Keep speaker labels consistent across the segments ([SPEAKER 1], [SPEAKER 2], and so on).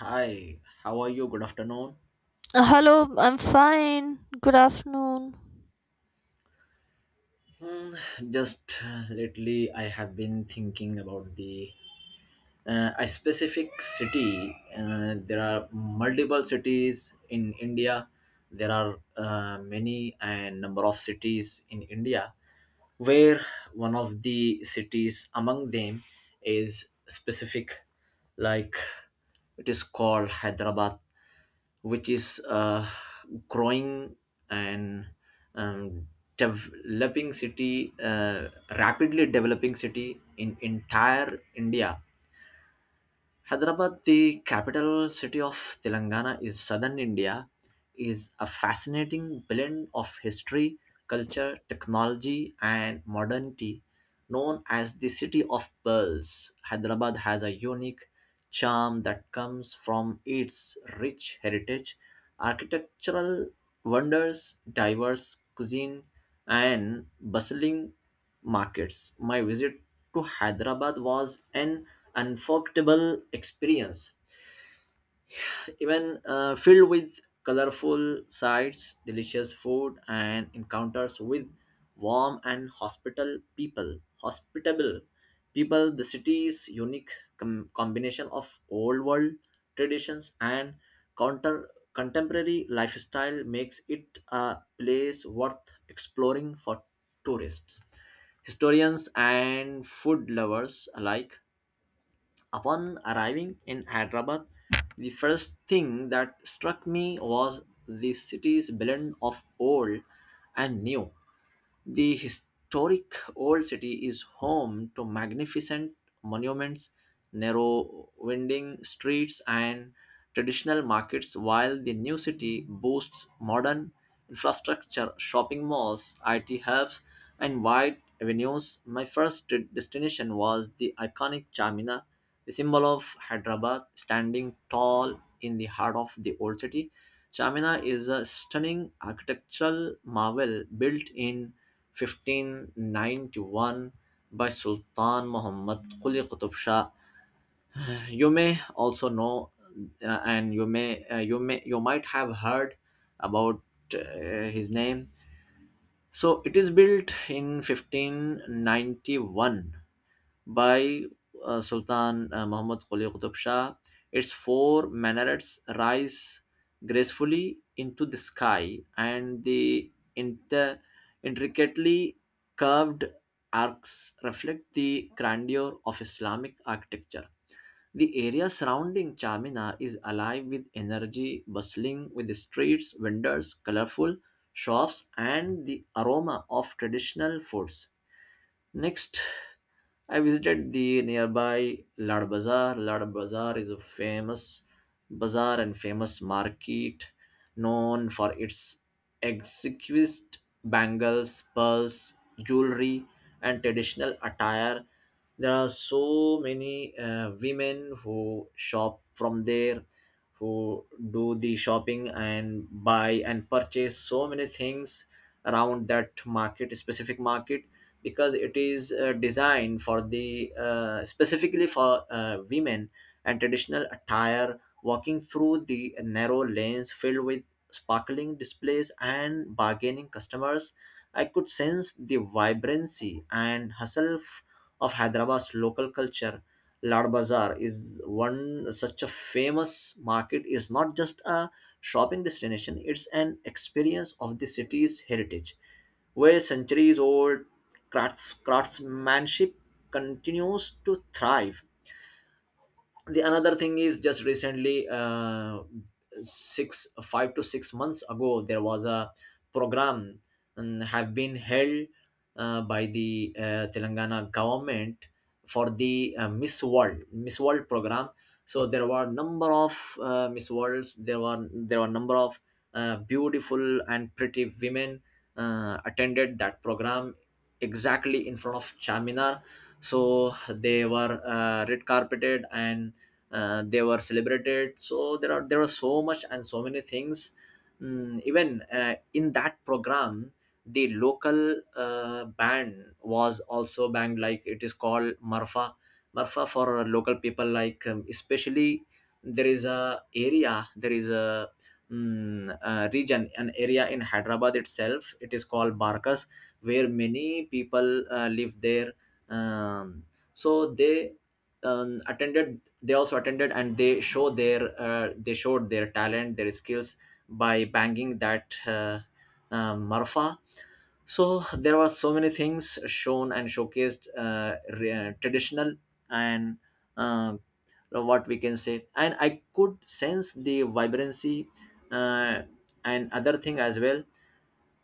[SPEAKER 1] Hi, how are you? Good afternoon.
[SPEAKER 2] Hello, I'm fine. Good afternoon.
[SPEAKER 1] Hmm, just lately, I have been thinking about the a specific city. There are multiple cities in India. There are many and number of cities in India, where one of the cities among them is specific, like it is called Hyderabad, which is growing and um, developing city rapidly developing city in entire India. Hyderabad, the capital city of Telangana is southern India, is a fascinating blend of history, culture, technology, and modernity. Known as the city of pearls, Hyderabad has a unique charm that comes from its rich heritage, architectural wonders, diverse cuisine, and bustling markets. My visit to Hyderabad was an unforgettable experience, even filled with colorful sights, delicious food, and encounters with warm and hospital people. Hospitable people, the city's unique combination of old world traditions and counter contemporary lifestyle makes it a place worth exploring for tourists, historians, and food lovers alike. Upon arriving in Hyderabad, the first thing that struck me was the city's blend of old and new. The historic Old City is home to magnificent monuments, narrow winding streets, and traditional markets, while the new city boasts modern infrastructure, shopping malls, IT hubs, and wide avenues. My destination was the iconic Chamina, the symbol of Hyderabad, standing tall in the heart of the Old City. Chamina is a stunning architectural marvel built in 1591 by Sultan Muhammad Quli Qutub Shah. You may also know, and you might have heard about his name. So it is built in 1591 by Sultan Muhammad Quli Qutb Shah. Its four minarets rise gracefully into the sky, and the inter- intricately curved arcs reflect the grandeur of Islamic architecture. The area surrounding Chamina is alive with energy, bustling with streets, vendors, colorful shops, and the aroma of traditional foods. Next, I visited the nearby Lad Bazaar. Lad Bazaar is a famous bazaar and famous market known for its exquisite bangles, pearls, jewelry, and traditional attire. There are so many women who shop from there, who do the shopping and buy and purchase so many things around that market, specific market, because it is designed for the specifically for women and traditional attire. Walking through the narrow lanes filled with sparkling displays and bargaining customers, I could sense the vibrancy and of Hyderabad's local culture. Lad Bazaar is one such a famous market, is not just a shopping destination, it's an experience of the city's heritage, where centuries old craftsmanship continues to thrive. The another thing is just recently, six five to six months ago there was a program have been held by the Telangana government for the miss world program. So there were number of miss worlds, there were number of beautiful and pretty women attended that program exactly in front of Charminar. So they were red carpeted and they were celebrated. So there are so much and so many things. Mm, even in that program, the local band was also banged. Like it is called Marfa. Marfa for local people, like especially there is a area there is a region, an area in Hyderabad itself, it is called Barkas, where many people live there. Um, so they attended they also attended and they showed their talent, their skills by banging that marfa. So there were so many things shown and showcased, traditional and uh, what we can say, and I could sense the vibrancy, uh, and other thing as well,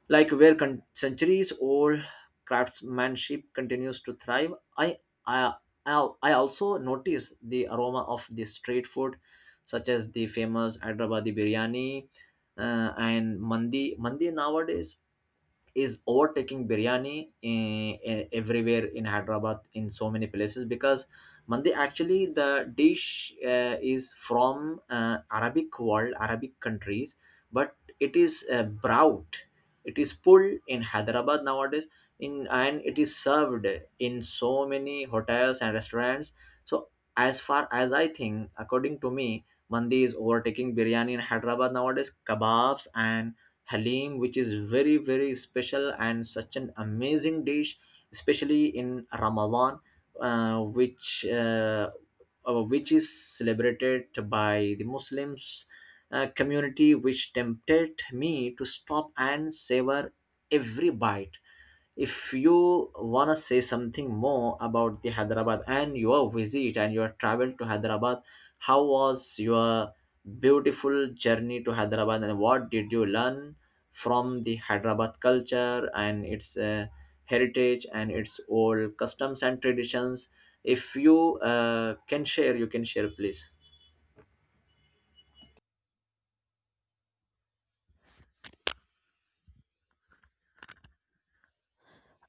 [SPEAKER 1] like where centuries old craftsmanship continues to thrive. I i i i also notice the aroma of the street food, such as the famous Hyderabadi biryani and mandi nowadays is overtaking biryani in, everywhere in Hyderabad, in so many places, because mandi actually, the dish is from Arabic world, Arabic countries, but it is brought, it is pulled in Hyderabad nowadays, in, and it is served in so many hotels and restaurants. So as far as I think, according to me, mandi is overtaking biryani in Hyderabad nowadays. Kebabs and halim, which is very very special and such an amazing dish, especially in Ramadan, uh, which uh, which is celebrated by the Muslims community, which tempted me to stop and savor every bite. If you want to say something more about the Hyderabad and your visit and your travel to Hyderabad, how was your beautiful journey to Hyderabad, and what did you learn from the Hyderabad culture and its heritage and its old customs and traditions? If you uh, can share you can share, please.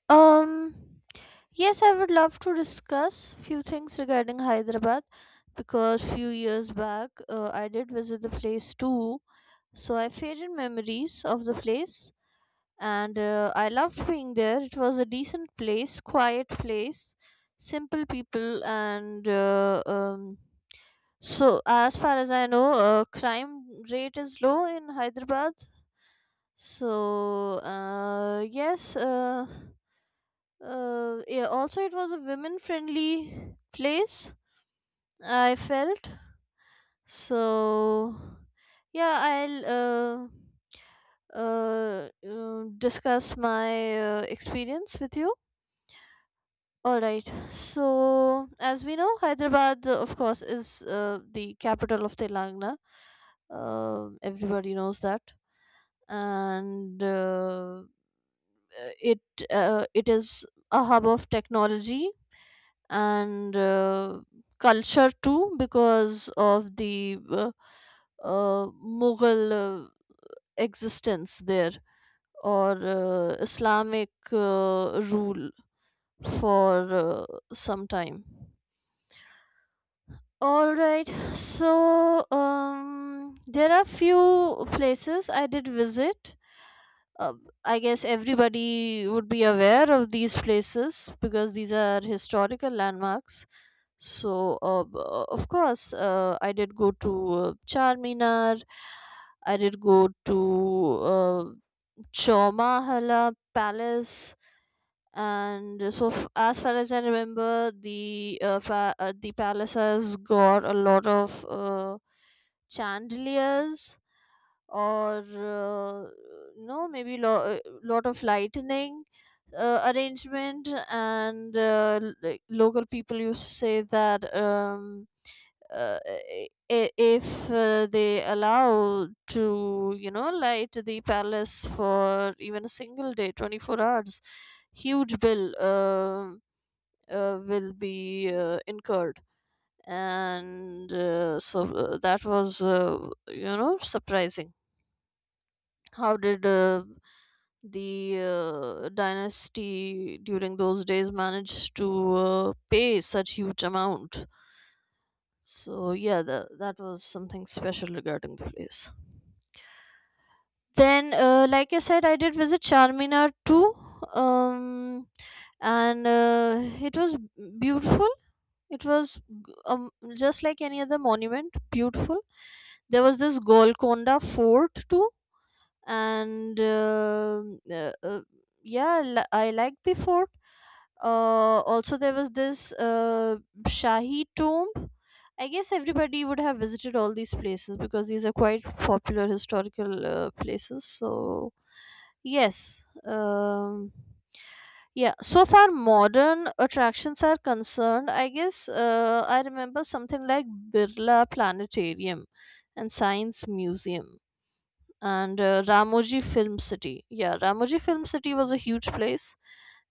[SPEAKER 2] Um, yes, I would love to discuss few things regarding Hyderabad because few years back I did visit the place too. So I have faded memories of the place and I loved being there. It was a decent place, quiet place, simple people and so as far as I know, crime rate is low in Hyderabad. So, yeah, also it was a women friendly place, I felt. So, yeah, I'll discuss my experience with you. All right. So, as we know, Hyderabad, of course, is the capital of Telangana. Everybody knows that. And it it is a hub of technology and culture too because of the uh, mughal existence there or islamic rule for uh, some time. All right. so um there are few places I did visit. uh, I guess everybody would be aware of these places because these are historical landmarks. So, of course, I did go to Charminar. I did go to uh, Chomahala Palace, and as far as I remember, the the palace has got a lot of chandeliers or no maybe lo- lot of lightning arrangement, and like local people used to say that if they allow to, you know, light the palace for even a single day 24 hours, huge bill will be incurred. And that was, you know, surprising how did the dynasty during those days managed to pay such huge amount. So yeah, that was something special regarding the place. Then like I said, I did visit Charminar too. Um, and It was beautiful. It was g- um, just like any other monument, beautiful. There was this Golconda Fort too, and uh, uh, yeah, I like the fort. Also there was this Shahi Tomb. I guess everybody would have visited all these places because these are quite popular historical places. So yes. Yeah, so far modern attractions are concerned, I guess I remember something like Birla Planetarium and Science Museum, and Ramoji Film City. Yeah, Ramoji Film City was a huge place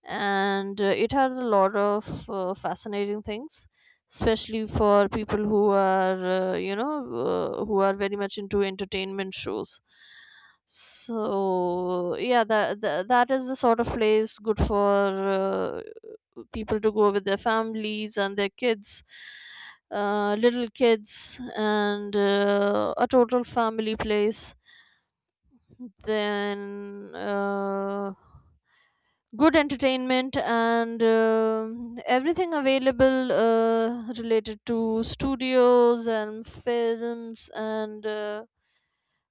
[SPEAKER 2] and it had a lot of fascinating things, especially for people who are you know, who are very much into entertainment shows. So yeah, that is the sort of place good for people to go with their families and their kids, little kids, and a total family place. Then good entertainment, and everything available related to studios and films, and uh,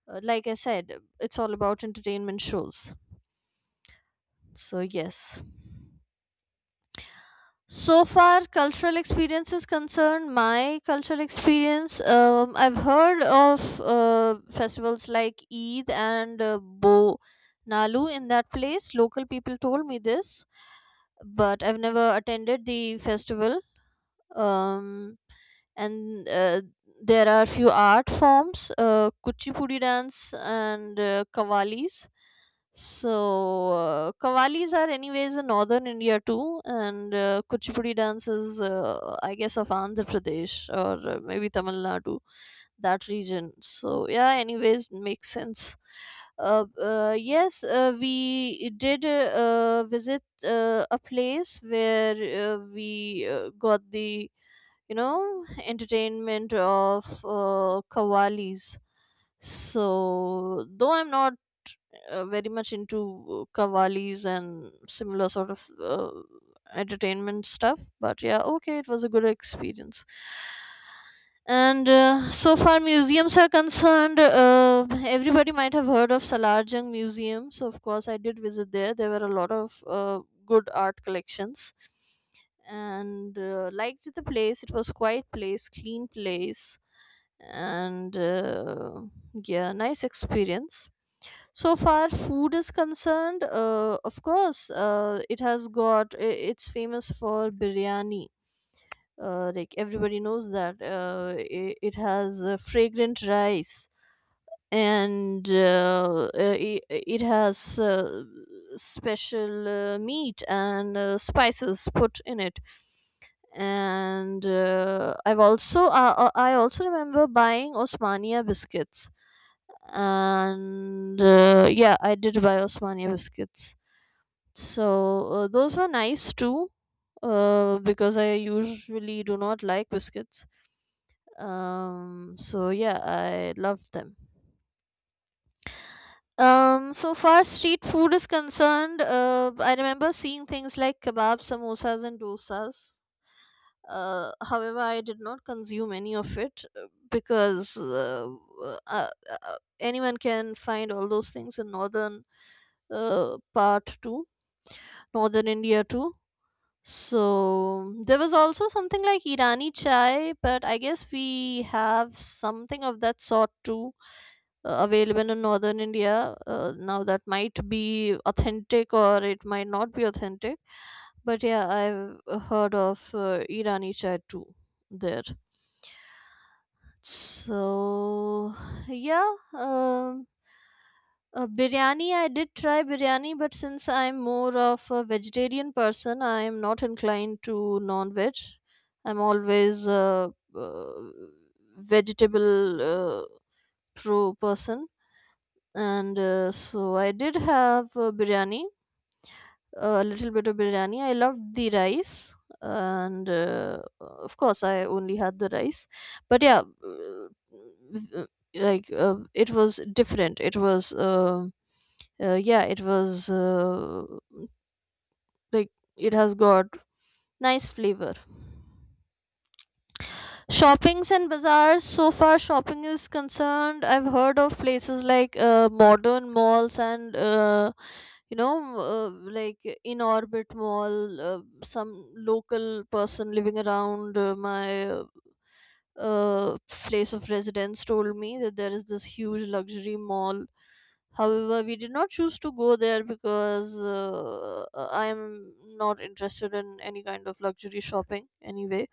[SPEAKER 2] uh, like I said, it's all about entertainment shows. So yes. So far, cultural experience is concerned. My cultural experience, I've heard of festivals like Eid and Bo Nalu in that place. Local people told me this, but I've never attended the festival. Um, and There are few art forms, Kuchipudi dance and Kavalis. So Kavalis are anyways in northern India too, and Kuchipudi dance is, I guess, of Andhra Pradesh or maybe Tamil Nadu, that region. So yeah, anyways, makes sense. uh, yes, we did visit a place where we got the, you know, entertainment of qawwalis. So though I'm not very much into qawwalis and similar sort of entertainment stuff, but yeah, okay, it was a good experience. And so far museums are concerned. Everybody might have heard of Salarjung Museum. So, of course, I did visit there. There were a lot of good art collections, and liked the place. It was quiet place, clean place, and yeah, nice experience. So far, food is concerned. Of course, it has got. It's famous for biryani. Like everybody knows that it has fragrant rice, and it has special meat and spices put in it. And I also remember buying Osmania biscuits, and yeah, I did buy Osmania biscuits. So those were nice too, because I usually do not like biscuits. So yeah, I loved them. So far street food is concerned, I remember seeing things like kebab, samosas, and dosas. However, I did not consume any of it because anyone can find all those things in northern part too, northern India too. So there was also something like Irani chai, but I guess we have something of that sort too, available in northern India. Now that might be authentic or it might not be authentic, but yeah, I've heard of Irani chai too there. So yeah um uh, biryani, I did try biryani, but since I'm more of a vegetarian person, I'm not inclined to non-veg. I'm always a uh, vegetable pro person. And so I did have biryani, a little bit of biryani. I loved the rice, and of course, I only had the rice. But yeah, uh, like it was different. It was, yeah, it was like, it has got nice flavor. Shoppings and bazaars. So far, shopping is concerned. I've heard of places like modern malls, and you know, like In Orbit Mall. Some local person living around my uh, place of residence told me that there is this huge luxury mall. However, we did not choose to go there because I am not interested in any kind of luxury shopping anyway.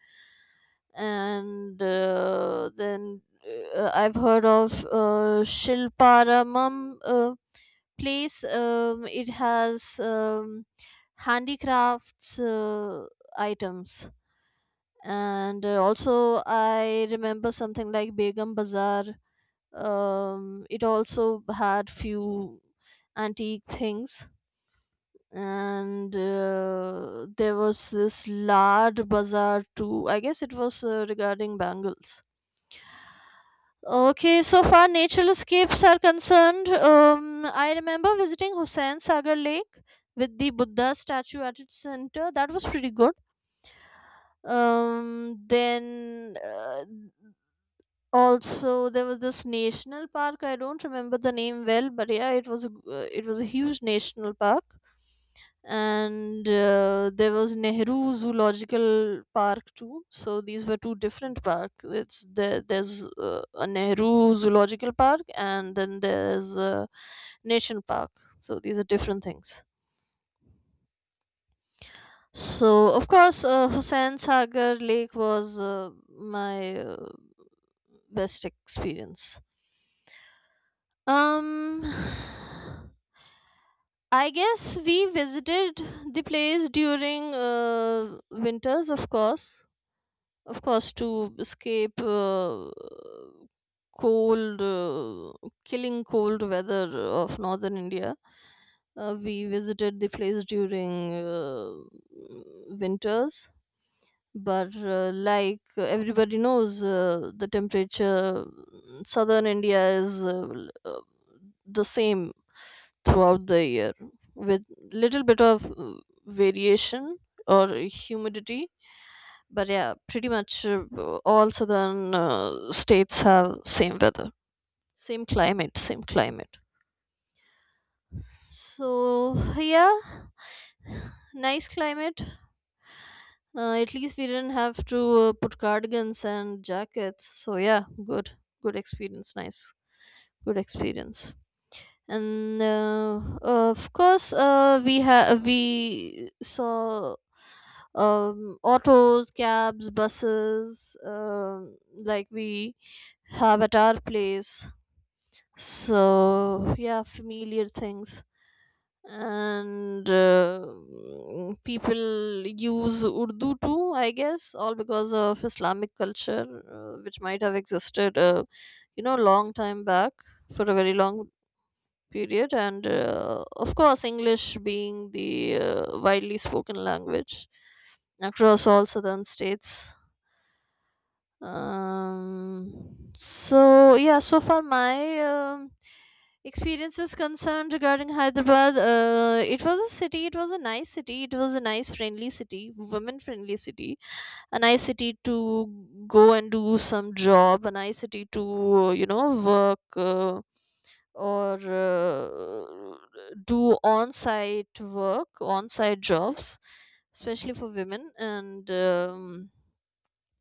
[SPEAKER 2] And then I've heard of Shilparamam place. It has handicrafts items, and also I remember something like Begum Bazaar. It also had few antique things. And there was this large bazaar too. I guess it was regarding bangles. Okay, so far natural escapes are concerned. I remember visiting Hussain Sagar Lake with the Buddha statue at its center. That was pretty good. Then also, there was this national park. I don't remember the name well, but yeah, it was a, it was a huge national park. And there was Nehru Zoological Park too. So these were two different parks. It's there. There's a Nehru Zoological Park, and then there's a Nation Park. So these are different things. So of course, Hussain Sagar Lake was my best experience. Um, I guess we visited the place during winters, of course, to escape cold, killing cold weather of northern India. We visited the place during winters, but like everybody knows, the temperature in southern India is the same throughout the year with little bit of variation or humidity. But yeah, pretty much all southern states have same weather, same climate. So yeah, nice climate. At least we didn't have to put cardigans and jackets. So yeah, good experience, nice good experience. And of course, we saw autos, cabs, buses, um, like we have at our place. So yeah, familiar things. And people use Urdu too, I guess, all because of Islamic culture, which might have existed, you know, long time back for a very long period. And of course, English being the widely spoken language across all southern states. Um, so yeah so far my um, experience is concerned regarding Hyderabad, it was a city, it was a nice city, it was a nice friendly city, women friendly city, a nice city to go and do some job, a nice city to, you know, work, or do on-site work, on-site jobs, especially for women. And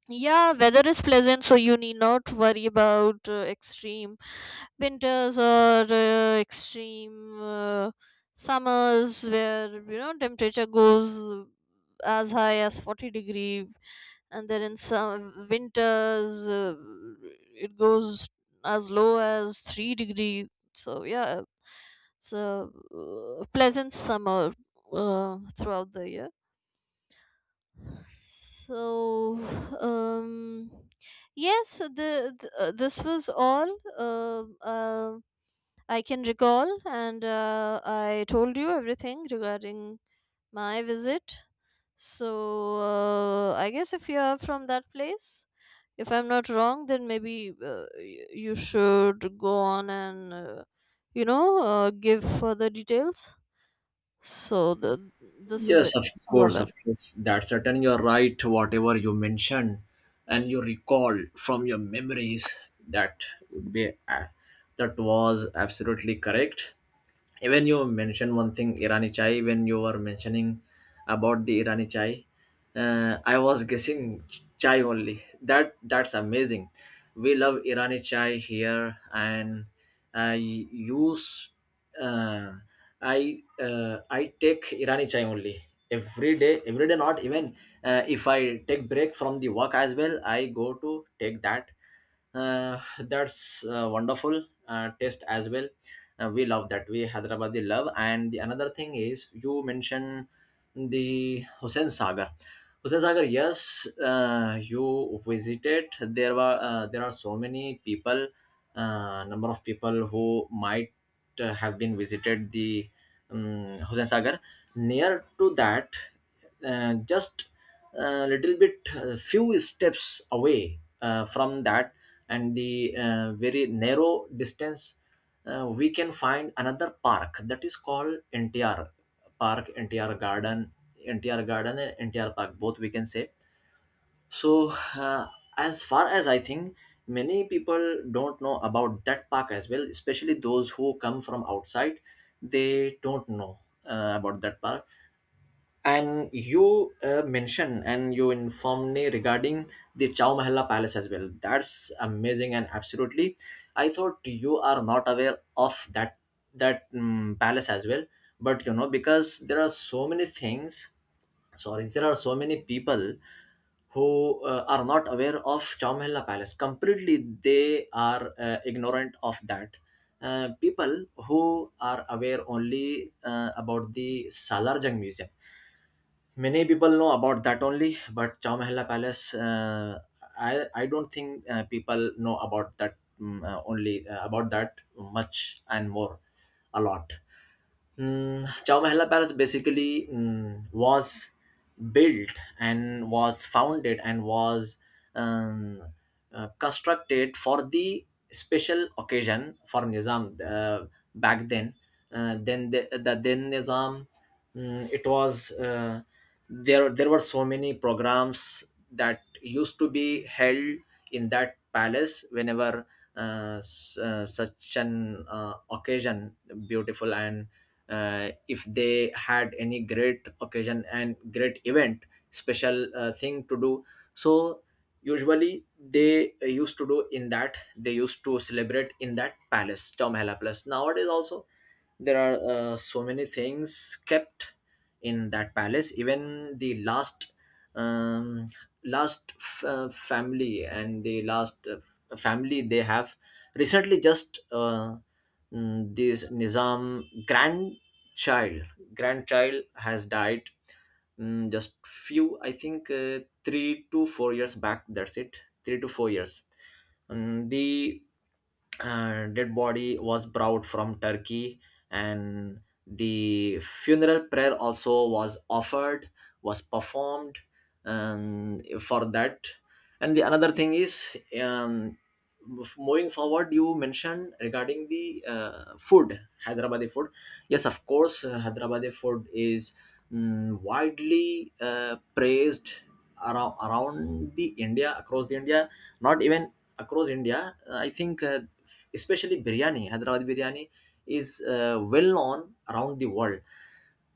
[SPEAKER 2] yeah, weather is pleasant, so you need not worry about extreme winters or extreme summers where you know temperature goes as high as 40 degree, and then in some winters it goes as low as 3 degree. So yeah, it's a pleasant summer throughout the year. So, um, yes, the this was all um uh, I can recall, and I told you everything regarding my visit. So, I guess if you are from that place, if I'm not wrong, then maybe you should go on and you know, give further details. So, this is
[SPEAKER 1] Yes,
[SPEAKER 2] it.
[SPEAKER 1] of
[SPEAKER 2] This is all.
[SPEAKER 1] course,
[SPEAKER 2] I-
[SPEAKER 1] of course. That's certain, you're right, whatever you mentioned and you recall from your memories, that would be a- that was absolutely correct. Even you mentioned one thing, Irani chai, when you were mentioning about the Irani chai, I was guessing chai only. That, that's amazing. We love Irani chai here, and I use uh, I I take Irani chai only every day. Every day, not even, if I take break from the work as well, I go to take that. That's wonderful taste as well. We love that. We Hyderabadi love. And the another thing is you mentioned the Hussain Sagar. Hussain Sagar, yes, you visited. There are so many people, number of people who might have been visited the Hussain Sagar. Near to that, just a little bit, few steps away from that, and the very narrow distance, we can find another park, that is called NTR park, NTR garden. NTR garden and NTR park, both we can say. So, uh, as far as I think, many people don't know about that park as well, especially those who come from outside, they don't know about that park. And you mentioned and you informed me regarding the Chow Mahalla Palace as well. That's amazing and absolutely. I thought you are not aware of that, that palace as well. But you know, because there are so many things. Sorry, there are so many people who are not aware of Chow Mahalla Palace. Completely, they are ignorant of that. People who are aware only about the Salar Jung Museum. Many people know about that only, but Chow Mahalla Palace, I don't think people know about that, only about that much and more, a lot. Mm, Chow Mahalla Palace basically, mm, was built and was founded and was um, constructed for the special occasion for Nizam back then. Then the then Nizam, mm, it was there. There were so many programs that used to be held in that palace whenever such an occasion, beautiful and if they had any great occasion and great event, special thing to do. So usually they used to do in that, they used to celebrate in that palace. Tomhela palace nowadays also, there are so many things kept in that palace. Even the last, um, last family, and the last family, they have recently just, this Nizam grand child grandchild has died, mm, just few, I think, 3 to 4 years back, that's it, 3 to 4 years. The dead body was brought from Turkey, and the funeral prayer also was offered, was performed, for that. And the another thing is, moving forward, you mentioned regarding the food, Hyderabadi food. Yes, of course, Hyderabadi food is, mm, widely praised around, around the India, across the India, not even across India. I think especially biryani, Hyderabadi biryani is well known around the world.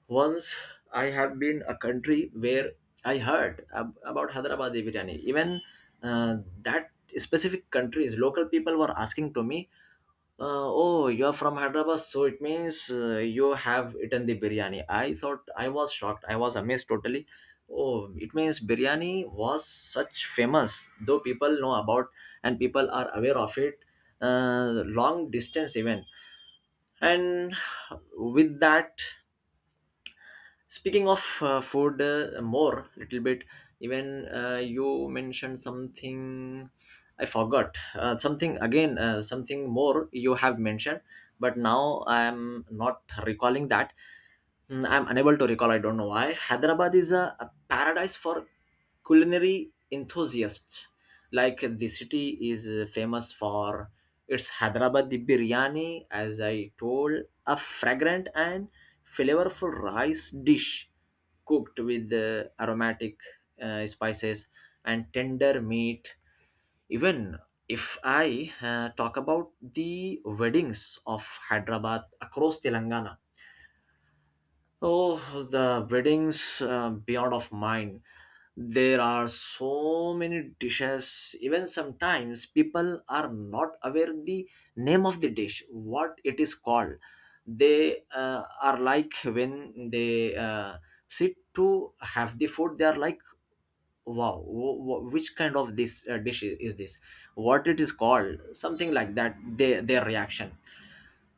[SPEAKER 1] Once I have been a country where I heard about Hyderabadi biryani. Even uh, that specific countries, local people were asking to me, oh, you're from Hyderabad, so it means you have eaten the biryani. I thought I was shocked. I was amazed totally. Oh, it means biryani was such famous, though people know about and people are aware of it. Long distance even, and with that, speaking of food, more little bit. Even you mentioned something. I forgot something again. Something more you have mentioned, but now I am not recalling that. Mm, I'm unable to recall. I don't know why. Hyderabad is a paradise for culinary enthusiasts. Like the city is famous for its Hyderabadi biryani, as I told, a fragrant and flavorful rice dish cooked with aromatic spices and tender meat. Even if I talk about the weddings of Hyderabad across Telangana. Oh, the weddings beyond of mine. There are so many dishes. Even sometimes people are not aware the name of the dish, what it is called. They are like when they sit to have the food. They are like, wow, which kind of this dish is this? What it is called? Something like that. They, their reaction.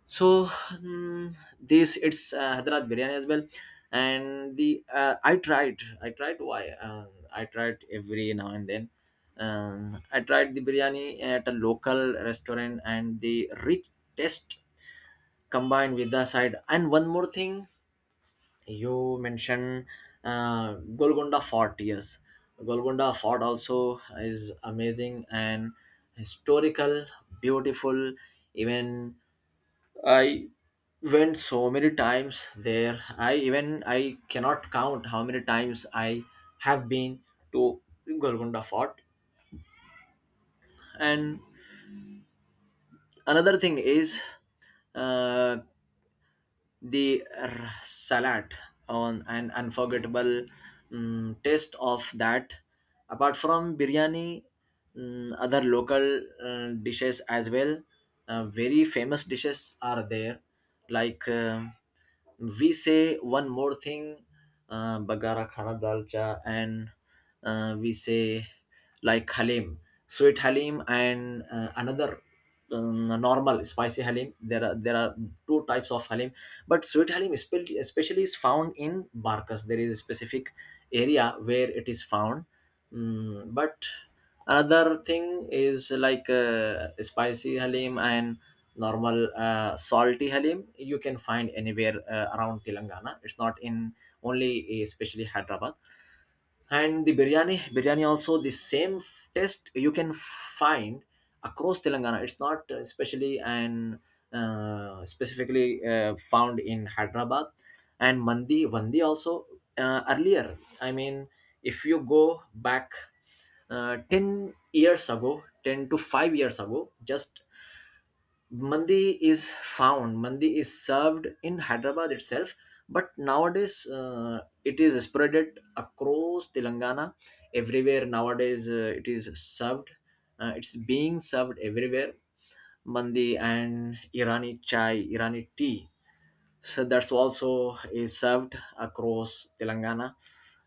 [SPEAKER 1] So this it's Hyderabad biryani as well, and the I tried why I tried every now and then. I tried the biryani at a local restaurant, and the rich taste combined with the side. And one more thing, you mentioned Golconda Fort. Yes, Golconda Fort also is amazing and historical, beautiful, even. I went so many times there. I even I cannot count how many times I have been to Golconda Fort. And another thing is, uh, the salad on an unforgettable taste of that. Apart from biryani, other local dishes as well, very famous dishes are there, like we say one more thing, bagara khana dalcha, and we say like halim, sweet halim, and another normal spicy halim. There are two types of halim, but sweet halim especially is found in barkas. There is a specific area where it is found. But another thing is like spicy halim and normal salty halim, you can find anywhere around Telangana. It's not in only especially Hyderabad. And the biryani also, the same taste you can find across Telangana. It's not especially and specifically found in Hyderabad. And mandi vandi also, earlier, I mean, if you go back 10 years ago, 10 to 5 years ago, just mandi is found. Mandi is served in Hyderabad itself, but nowadays it is spreaded across Telangana. Everywhere nowadays it is served, it's being served everywhere. Mandi and irani chai, irani tea, so that's also is served across Telangana.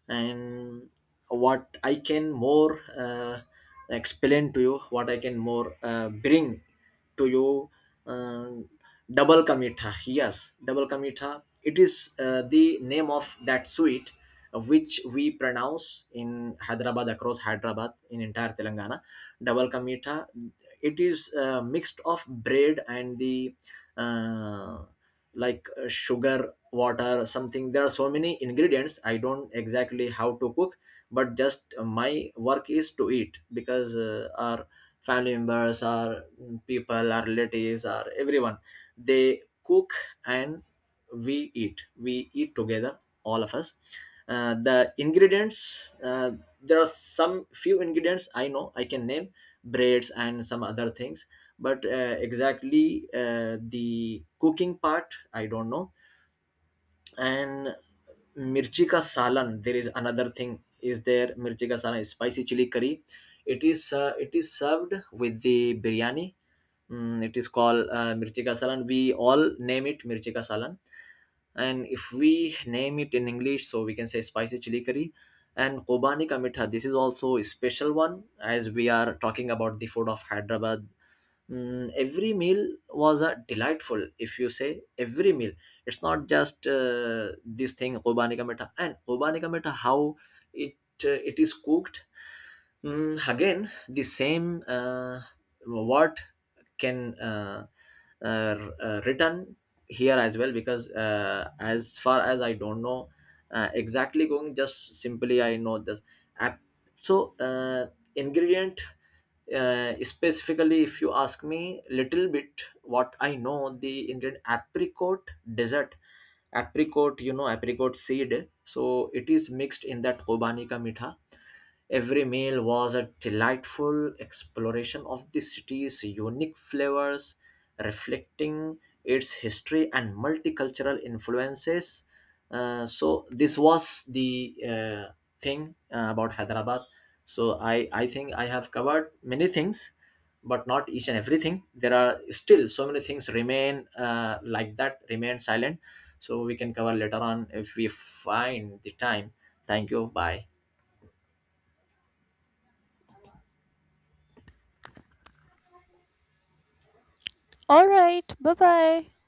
[SPEAKER 1] And what I can more uh, explain to you, what I can more bring to you, uh, double kamitha. Yes, double kamitha, it is the name of that sweet which we pronounce in Hyderabad, across Hyderabad, in entire Telangana. Double kamitha, it is a mixed of bread and the uh, like sugar water something. There are so many ingredients, I don't exactly how to cook, but just my work is to eat, because our family members, our people, our relatives, our everyone, they cook, and we eat together, all of us. The ingredients, there are some few ingredients I know I can name, breads and some other things, but exactly the cooking part, I don't know. And mirchi ka salan, there is another thing. Is there mirchi ka salan? Is spicy chili curry. It is served with the biryani. It is called mirchi ka salan. We all name it mirchi ka salan. And if we name it in English, so we can say spicy chili curry. And Kobani ka mitha, this is also a special one, as we are talking about the food of Hyderabad. Every meal was a delightful. If you say every meal, it's not just this thing. Kobani ka meta, and kobani ka meta, how it it is cooked, again the same, what can uh, written here as well, because as far as I don't know exactly going, just simply I know this app. So ingredient, specifically if you ask me little bit what I know, the Indian apricot desert, apricot, you know apricot seed, so it is mixed in that obanika mitha. Every meal was a delightful exploration of the city's unique flavors, reflecting its history and multicultural influences. So this was the thing about Hyderabad. So I think I have covered many things, but not each and everything. There are still so many things remain like that, remain silent. So we can cover later on if we find the time. Thank you. Bye.
[SPEAKER 2] all right.